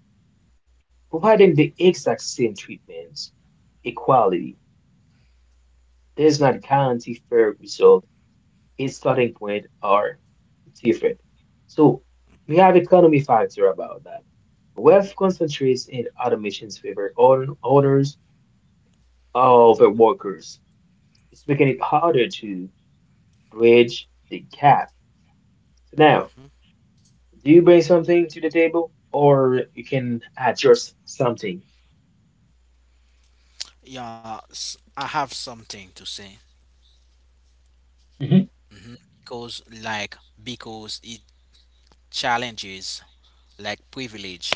[SPEAKER 2] providing the exact same treatment, equality does not guarantee fair result. Its starting point are different. So we have economy factor about that. Wealth concentrates in automation's favor on owners of the workers, it's making it harder to bridge the gap. So now, do you bring something to the table, or you can add your something?
[SPEAKER 1] Yeah, I have something to say.
[SPEAKER 2] Mhm.
[SPEAKER 1] Cause like because it challenges like privilege,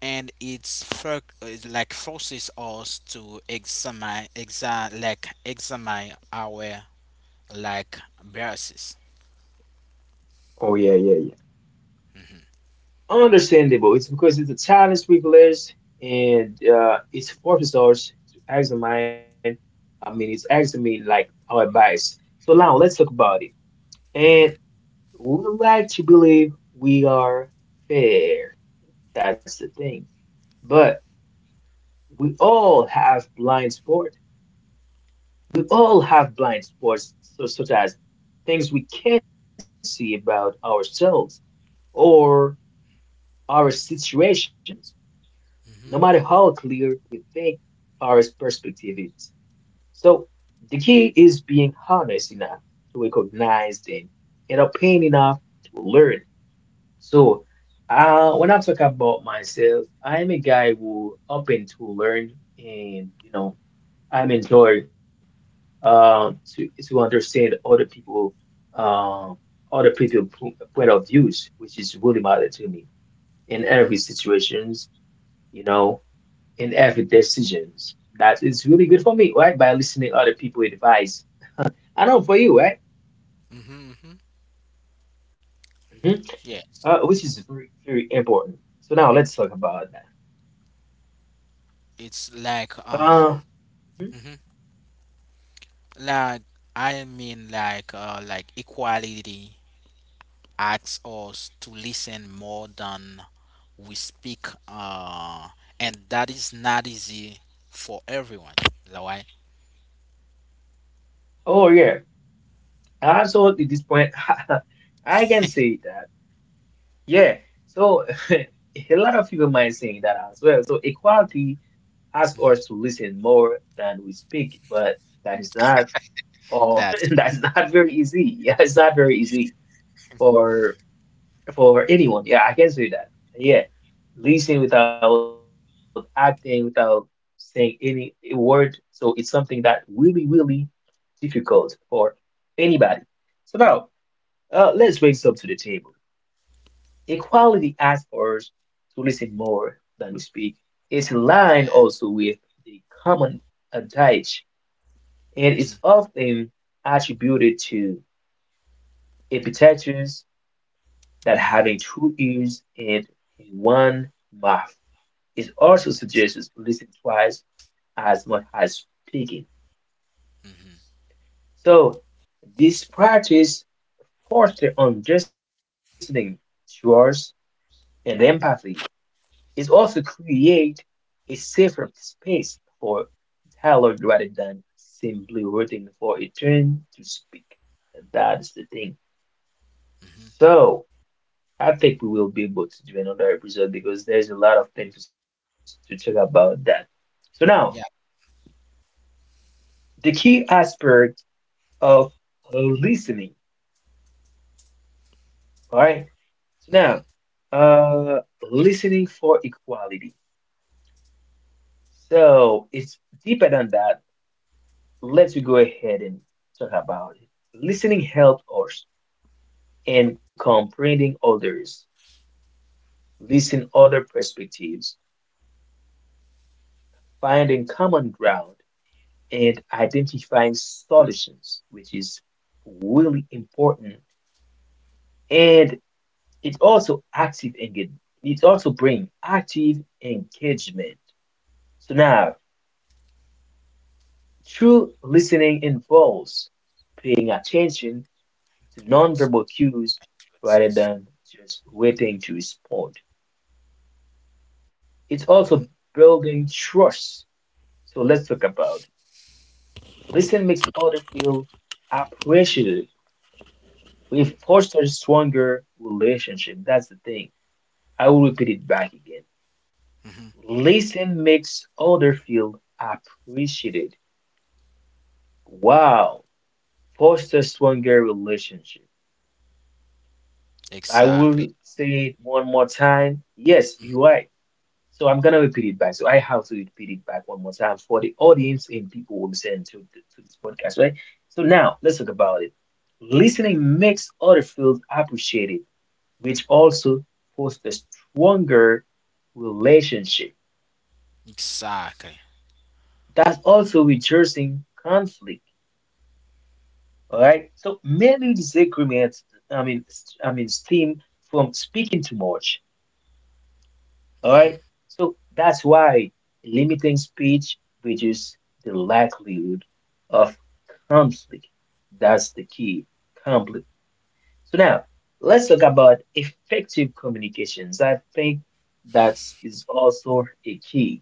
[SPEAKER 1] and like forces us to examine our like biases.
[SPEAKER 2] Oh yeah, yeah, yeah. Understandable. It's because it's a challenge we place, and it forces us to examine. I mean, it's examine like our bias. So now let's talk about it. And we like to believe we are fair. That's the thing. But we all have blind spot. We all have blind spots, so, such as things we can't see about ourselves or our situations, no matter how
[SPEAKER 1] Mhm.
[SPEAKER 2] clear we think our perspective is. So the key is being honest enough to recognize them and open enough to learn. So when I talk about myself, I'm a guy who open to learn and you know I'm enjoy to understand other people uh, other people point of views, which is really matter to me in every situations, you know, in every decisions. That is really good for me, right? By listening other people advice. I know for you, right?
[SPEAKER 1] Mhm. Mhm.
[SPEAKER 2] hmm
[SPEAKER 1] Yes.
[SPEAKER 2] Which is very very important. So now let's talk about that.
[SPEAKER 1] It's like,
[SPEAKER 2] Uh, mhm.
[SPEAKER 1] mhm. like I mean, like equality asks us to listen more than we speak, and that is not easy for everyone. Is that why?
[SPEAKER 2] Oh yeah, absolutely. This point, [LAUGHS] I can say that. Yeah, so [LAUGHS] a lot of people might say that as well. So equality asks us
[SPEAKER 1] Hmm.
[SPEAKER 2] to listen more than we speak, but that is not all. [LAUGHS]
[SPEAKER 1] That's
[SPEAKER 2] That's not very easy. [LAUGHS] Yeah, it's not very easy for anyone. Yeah, I can say that. Yeah, listen without acting, without saying any word. So it's something that will be really difficult for anybody. So now, let's raise up to the table. Equality asks us to listen more than we speak. It's in line
[SPEAKER 1] yeah.
[SPEAKER 2] also with the common adage and is
[SPEAKER 1] Hmm.
[SPEAKER 2] often attributed to Epictetus that having
[SPEAKER 1] Hmm.
[SPEAKER 2] two ears and one mouth. It also suggests listening twice as much as speaking.
[SPEAKER 1] Hmm.
[SPEAKER 2] So this practice fosters understanding, trust, and empathy is also create a safer space for dialogue rather than simply waiting for a turn to speak. And that's the thing.
[SPEAKER 1] Hmm.
[SPEAKER 2] So I think we will be able to do another episode because there's a lot of things to talk about that. So now
[SPEAKER 1] Yeah.
[SPEAKER 2] the key aspect of listening. All right. So
[SPEAKER 1] Hmm.
[SPEAKER 2] now listening for equality. So it's deeper than that. Let's go ahead and talk about it. Listening helps us in comprehending others, listening other perspectives, finding common ground, and identifying solutions, which is really important. And it's also active engagement. It also brings active engagement. So now, true listening involves paying attention to
[SPEAKER 1] Includes
[SPEAKER 2] non-verbal cues
[SPEAKER 1] includes
[SPEAKER 2] rather
[SPEAKER 1] this.
[SPEAKER 2] than just waiting to respond. It's
[SPEAKER 1] Hmm.
[SPEAKER 2] also building trust. So let's talk about it. Listen makes others feel appreciated. We foster stronger relationship. That's the thing. I will repeat it back again.
[SPEAKER 1] Hmm.
[SPEAKER 2] Listen makes others feel appreciated. Wow. Foster stronger relationship. I
[SPEAKER 1] Exactly.
[SPEAKER 2] will say it one more time. Yes, you're right. So I'm gonna repeat it back. So I have to repeat it back one more time for the audience and people who listen to to this podcast, right? So now let's talk about it. Listening makes other fields appreciated, which also fosters stronger relationship.
[SPEAKER 1] Exactly.
[SPEAKER 2] That's also reducing conflict. All right. So many disagreements, I mean, stem from speaking too much. All right.
[SPEAKER 1] Hmm.
[SPEAKER 2] So that's why limiting speech reduces the likelihood of conflict. That's the key. Conflict. So now let's talk about effective communications. I think that is also a key.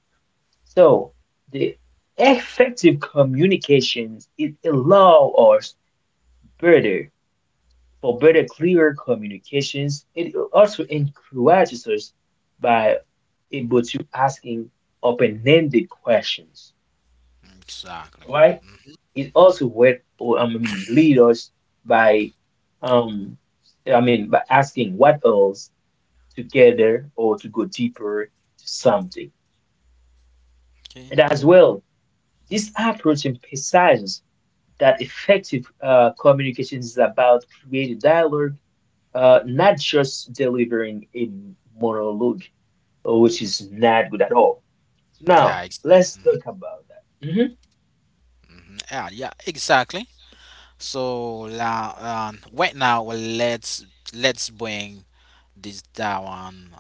[SPEAKER 2] So the effective communications it allow us better for better clearer communications it also encourages us by able to asking open-ended questions,
[SPEAKER 1] Exactly.
[SPEAKER 2] right, it also would or I mean lead us by um I mean by asking what else together or to go deeper to something.
[SPEAKER 1] Okay.
[SPEAKER 2] And as well, this approach emphasizes that effective communication is about creating dialogue, not just delivering a monologue, which is not good at all. So
[SPEAKER 1] Yeah.
[SPEAKER 2] now
[SPEAKER 1] Ex-
[SPEAKER 2] let's talk about that.
[SPEAKER 1] yeah. Yeah. Exactly. So right now, well, let's bring this down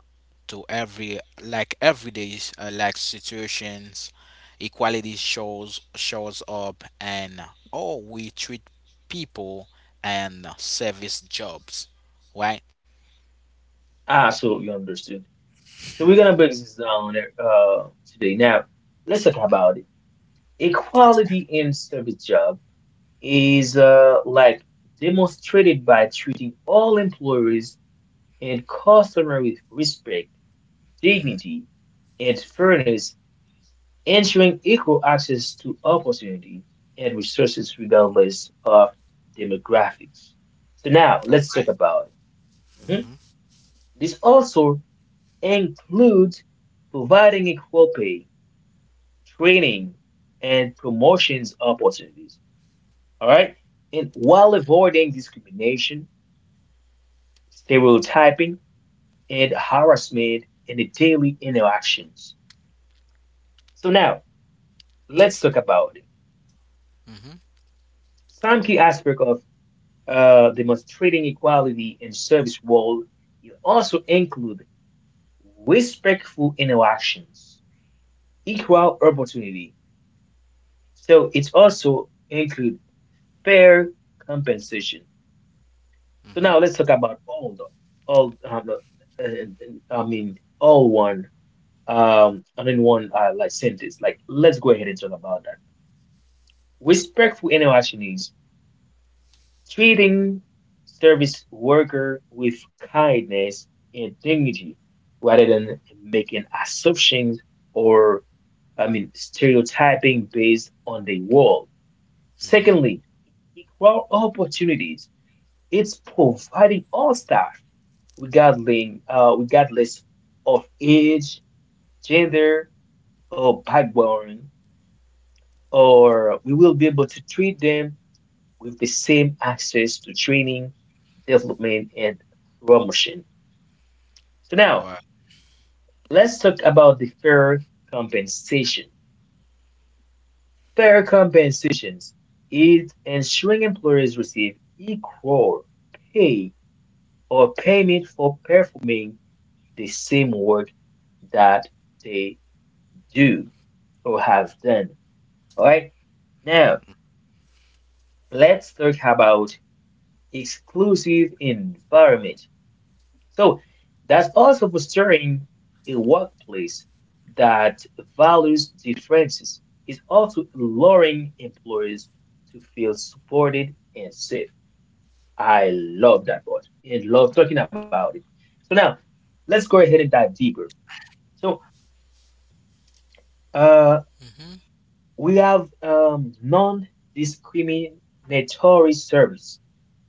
[SPEAKER 1] to every like everyday like situations. Equality shows up, and oh, we treat people and service jobs, right?
[SPEAKER 2] Absolutely understood. So we're gonna break this down today. Now let's talk about it. Equality
[SPEAKER 1] Exactly.
[SPEAKER 2] in service job is like demonstrated by treating all employees and customers with respect,
[SPEAKER 1] Mm-hmm.
[SPEAKER 2] dignity, and fairness, ensuring equal access to opportunity and resources regardless of demographics. So now
[SPEAKER 1] All
[SPEAKER 2] let's talk
[SPEAKER 1] right.
[SPEAKER 2] about it. Mhm.
[SPEAKER 1] Mm-hmm.
[SPEAKER 2] This also includes providing equal pay, training, and promotions opportunities. All right, and while avoiding discrimination, stereotyping, and harassment in the daily interactions. So now let's talk about it.
[SPEAKER 1] Mm-hmm.
[SPEAKER 2] Some key aspects of demonstrating equality in service world, it also include respectful interactions, equal opportunity. So it also include fair compensation. So
[SPEAKER 1] Mm-hmm.
[SPEAKER 2] now let's talk about all the, I mean all one and in one like sentence. Like let's go ahead and talk about that. Respectful interaction is treating service worker with kindness and dignity rather than making assumptions or I mean stereotyping based on the world.
[SPEAKER 1] Mm-hmm.
[SPEAKER 2] Secondly, equal opportunities. It's providing all staff regarding regardless of age, gender, or background, or we will be able to treat them with the same access to training, development, and promotion. So now
[SPEAKER 1] Wow.
[SPEAKER 2] let's talk about the fair compensation. Fair compensations is ensuring employees receive equal pay or payment for performing the same work that they do or have done. All right. Now let's talk about exclusive environment. So that's also fostering a workplace that values differences. It's also allowing employees to feel supported and safe. I love that part. I love talking about it. So now let's go ahead and dive deeper. So uh,
[SPEAKER 1] Mm-hmm.
[SPEAKER 2] we have non-discriminatory service,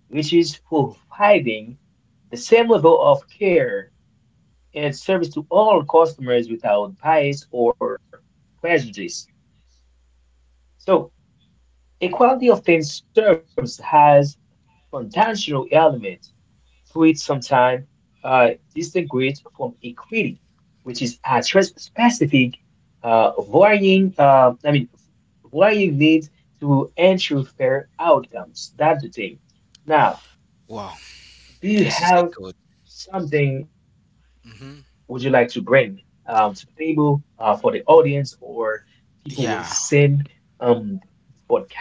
[SPEAKER 2] which is providing the same level of care and service to all customers without bias or prejudice. So, equality of things serves has foundational element to it. Sometimes uh, distinguished from equity, which is address specific I mean, varying needs to ensure fair outcomes. That's the thing. Now,
[SPEAKER 1] Wow.
[SPEAKER 2] do you
[SPEAKER 1] This is a
[SPEAKER 2] have
[SPEAKER 1] good.
[SPEAKER 2] something would you like to
[SPEAKER 1] Mm-hmm.
[SPEAKER 2] bring to the table for the audience or people will
[SPEAKER 1] Yeah.
[SPEAKER 2] send um podcast?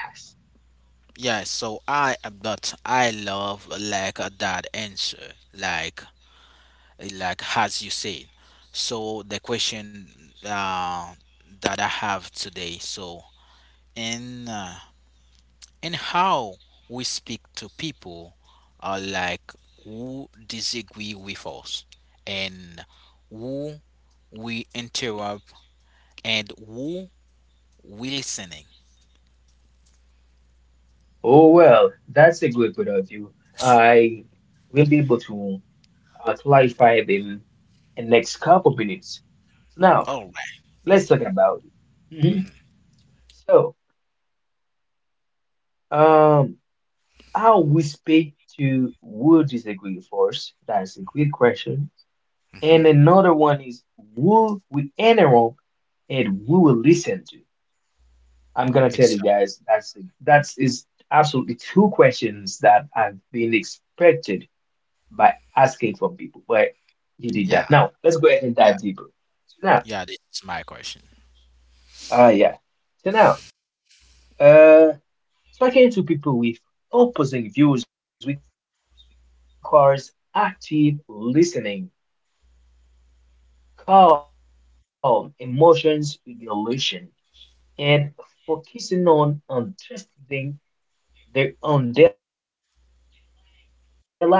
[SPEAKER 1] Yeah, so I am not. I love like that answer, like as you said. So the question uh, that I have today, so in uh, in how we speak to people, like who disagree with us, and who we interrupt, and who we listening.
[SPEAKER 2] Oh well, that's a good point of view. I will be able to clarify them in next couple minutes. So now
[SPEAKER 1] All right.
[SPEAKER 2] let's talk about it. Mhm. So um, how we speak to would disagree first? That's a good question.
[SPEAKER 1] Mm-hmm.
[SPEAKER 2] And another one is woo with Enron and we will listen to. I'm gonna tell you
[SPEAKER 1] Exactly.
[SPEAKER 2] guys that's is absolutely two questions that have been expected by asking from people, but you did
[SPEAKER 1] Yeah,
[SPEAKER 2] that. Now let's go ahead and
[SPEAKER 1] yeah,
[SPEAKER 2] dive deeper. So now,
[SPEAKER 1] yeah. This is my question.
[SPEAKER 2] yeah. So now, talking to people with opposing views requires active listening, calm emotions regulation, and focusing on understanding their underlying needs rather than winning in arguments. So now,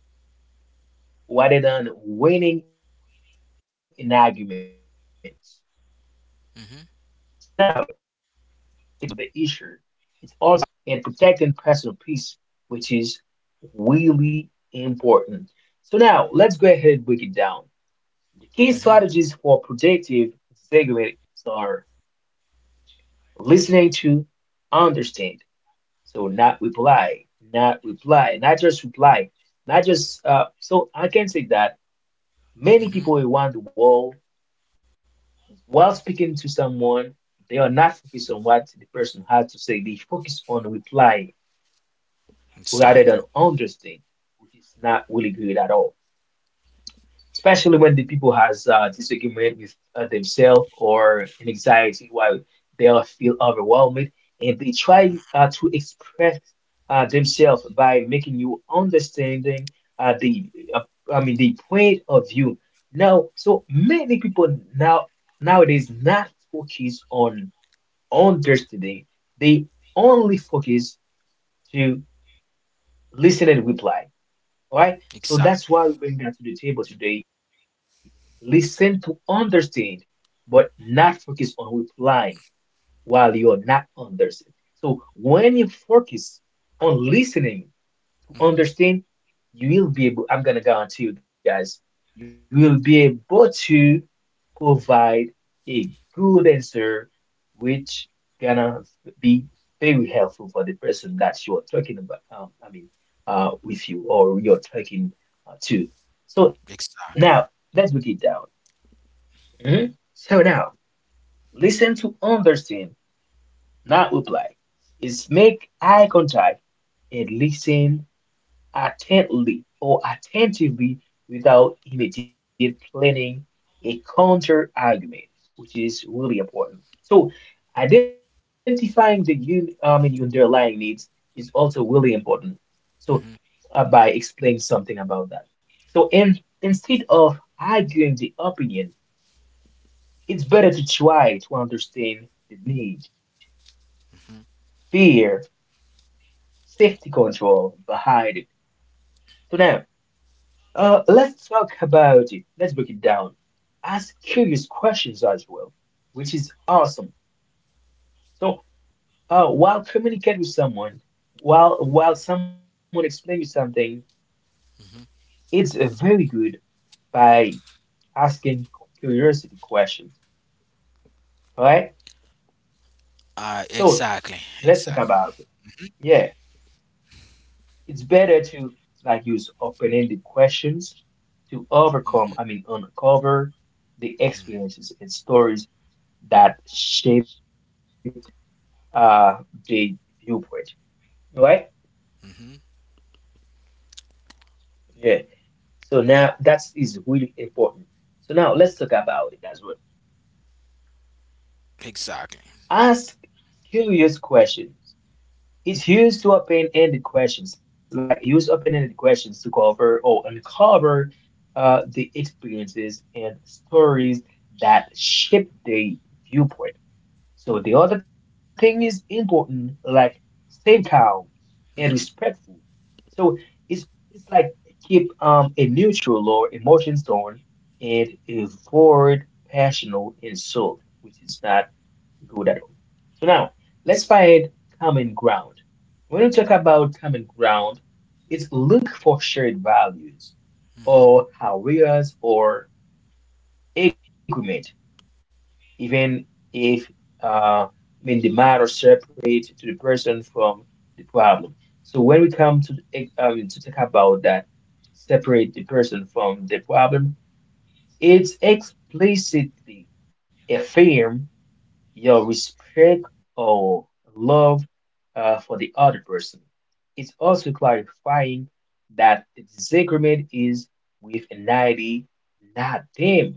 [SPEAKER 2] the key strategies include asking open-ended questions, separating the person from
[SPEAKER 1] Mm-hmm.
[SPEAKER 2] the issue. It's also finding common ground and protecting personal peace, which is really important. So now, let's go ahead and break it down. The key
[SPEAKER 1] Mhm.
[SPEAKER 2] strategies for productive disagreements are listening to understand. So not just reply, not just. So I can say that many
[SPEAKER 1] Mhm.
[SPEAKER 2] people around the world, while speaking to someone, they are not focused on what the person had to say. They focus on reply
[SPEAKER 1] Exactly.
[SPEAKER 2] rather than understanding, which is not really good at all. Especially when the people has disagreement with themselves or an anxiety while they'll feel overwhelmed and they try to express themselves by making you understanding the I mean the point of view. Now so many people nowadays not focus on understanding, they only focus to listen and reply. All right. So that's
[SPEAKER 1] Exactly.
[SPEAKER 2] why we bring that to the table today. Listen to understand, but not focus on replying while you are not understanding. So when you focus on listening
[SPEAKER 1] Mhm.
[SPEAKER 2] to understand, you will be able, I'm going to guarantee you guys, you will be able to provide a good answer, which gonna be very helpful for the person that you're talking about. I mean, with you or you're talking to. So
[SPEAKER 1] Exactly.
[SPEAKER 2] now let's break it down. Mhm. So now listen to understand, not reply. Is make eye contact and listen attentively without immediately planning a counter argument, which is really important. So, identifying the underlying needs is also really important. So,
[SPEAKER 1] Mhm.
[SPEAKER 2] by explaining something about that. So, instead of arguing the opinion, it's better to try to understand the need,
[SPEAKER 1] Mhm.
[SPEAKER 2] fear, safety control behind it. So, now let's talk about it. Let's break it down. Ask curious questions as well, which is awesome. So while communicate with someone, while someone explains you something, it's very good by asking curiosity questions. All right. So
[SPEAKER 1] Exactly.
[SPEAKER 2] let's
[SPEAKER 1] Exactly.
[SPEAKER 2] talk about it. Yeah, it's better to like use open-ended questions to
[SPEAKER 1] Mhm.
[SPEAKER 2] uncover the experiences and stories that shaped uh the viewpoint. Right?
[SPEAKER 1] Mhm.
[SPEAKER 2] Yeah. So now that is really important. So now let's talk about it as well.
[SPEAKER 1] Exactly.
[SPEAKER 2] Ask curious questions. It's used to open-ended questions, like use open-ended questions to cover or uncover the experiences and stories that shape the viewpoint. So the other thing is important, like same cow and
[SPEAKER 1] Mhm.
[SPEAKER 2] respectful. So it's it's like keep a neutral or emotions tone and avoid passional insult, which is not good at all. So now let's find common ground. When we talk about common ground, it's look for shared values
[SPEAKER 1] Mhm.
[SPEAKER 2] or areas or agreement, even if I the matter separate to the person from the problem. So when we come to to talk about that, separate the person from the problem, it's explicitly affirm your respect or love for the other person. It's also clarifying that the disagreement is with an entity, not them.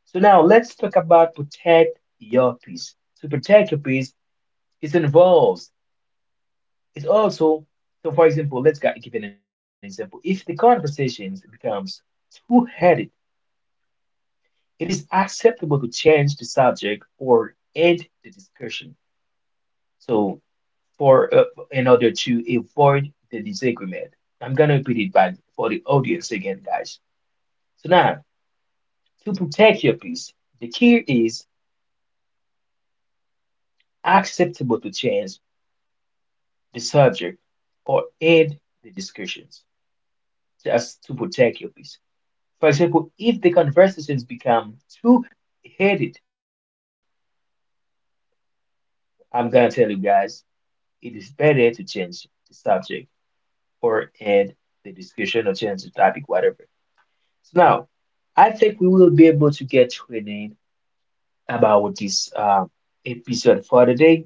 [SPEAKER 2] So now let's talk about protect your piece. So protect your piece, it involves, it also, so for example, let's give an example. If the conversation becomes two-headed, it is acceptable to change the subject or end the discussion. So for in order to avoid the disagreement, I'm gonna repeat it back for the audience again, guys. So now, to protect your piece, the key is acceptable to change the subject or aid the discussions just to protect your peace. For example, if the conversations become too heated, I'm gonna tell you guys it is better to change the subject or end the discussion or change the topic, whatever. So now I think we will be able to get training about this episode for today.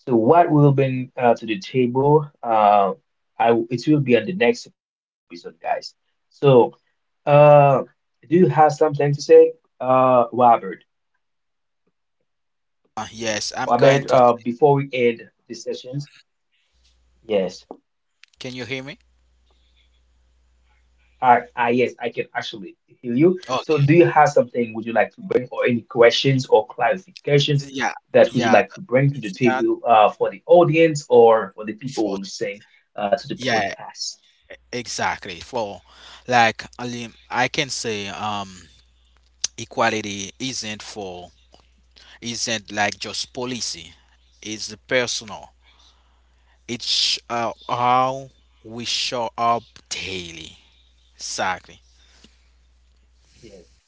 [SPEAKER 2] So what will bring to the table, I it will be on the next episode, guys. So Uh, do you have something to say, Robert?
[SPEAKER 1] Yes, I'm going
[SPEAKER 2] Robert,
[SPEAKER 1] to.
[SPEAKER 2] before we end the sessions, yes,
[SPEAKER 1] Can you hear me?
[SPEAKER 2] I, yes, I can actually hear you. So,
[SPEAKER 1] Okay.
[SPEAKER 2] do you have something would you like to bring, or any questions or clarifications
[SPEAKER 1] Yeah.
[SPEAKER 2] that would you
[SPEAKER 1] Yeah.
[SPEAKER 2] like to bring to the
[SPEAKER 1] Yeah.
[SPEAKER 2] table, for the audience or for the people
[SPEAKER 1] For.
[SPEAKER 2] who listen, to the
[SPEAKER 1] Yeah.
[SPEAKER 2] podcast?
[SPEAKER 1] Exactly. For, like, I mean, I can say, equality isn't like just policy. It's personal. It's how we show up daily. Exactly.
[SPEAKER 2] Yes.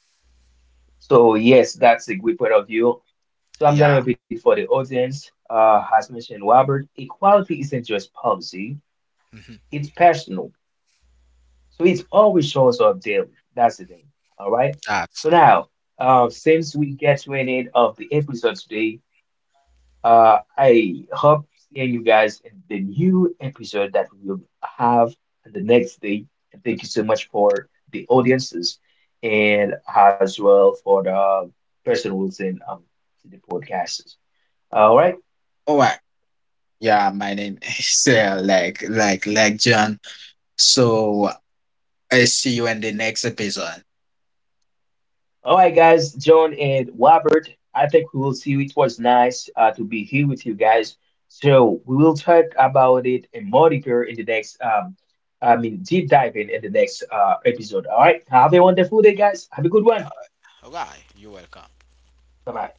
[SPEAKER 2] So, yes, that's a good point of view. So, I'm gonna
[SPEAKER 1] Yeah.
[SPEAKER 2] repeat it for the audience. As mentioned, Robert, equality isn't just policy.
[SPEAKER 1] Hmm.
[SPEAKER 2] It's personal. So it always shows up daily. That's the thing. All right.
[SPEAKER 1] That's
[SPEAKER 2] So
[SPEAKER 1] all.
[SPEAKER 2] now, since we get to an end of the episode today, I hope seeing you guys in the new episode that we will have the next day. And thank you so much for the audiences and as well for the person who's in the podcasts. All right.
[SPEAKER 3] All right. Yeah, my name [LAUGHS] is like John. So I see you in the next episode.
[SPEAKER 2] All right, guys, John and Robert, I think we will see you. It was nice to be here with you guys. So we will talk about it in more deeper in the next, deep diving in the next episode. All right, have a wonderful day, guys. Have a good one.
[SPEAKER 1] All right. You're welcome.
[SPEAKER 2] Bye bye.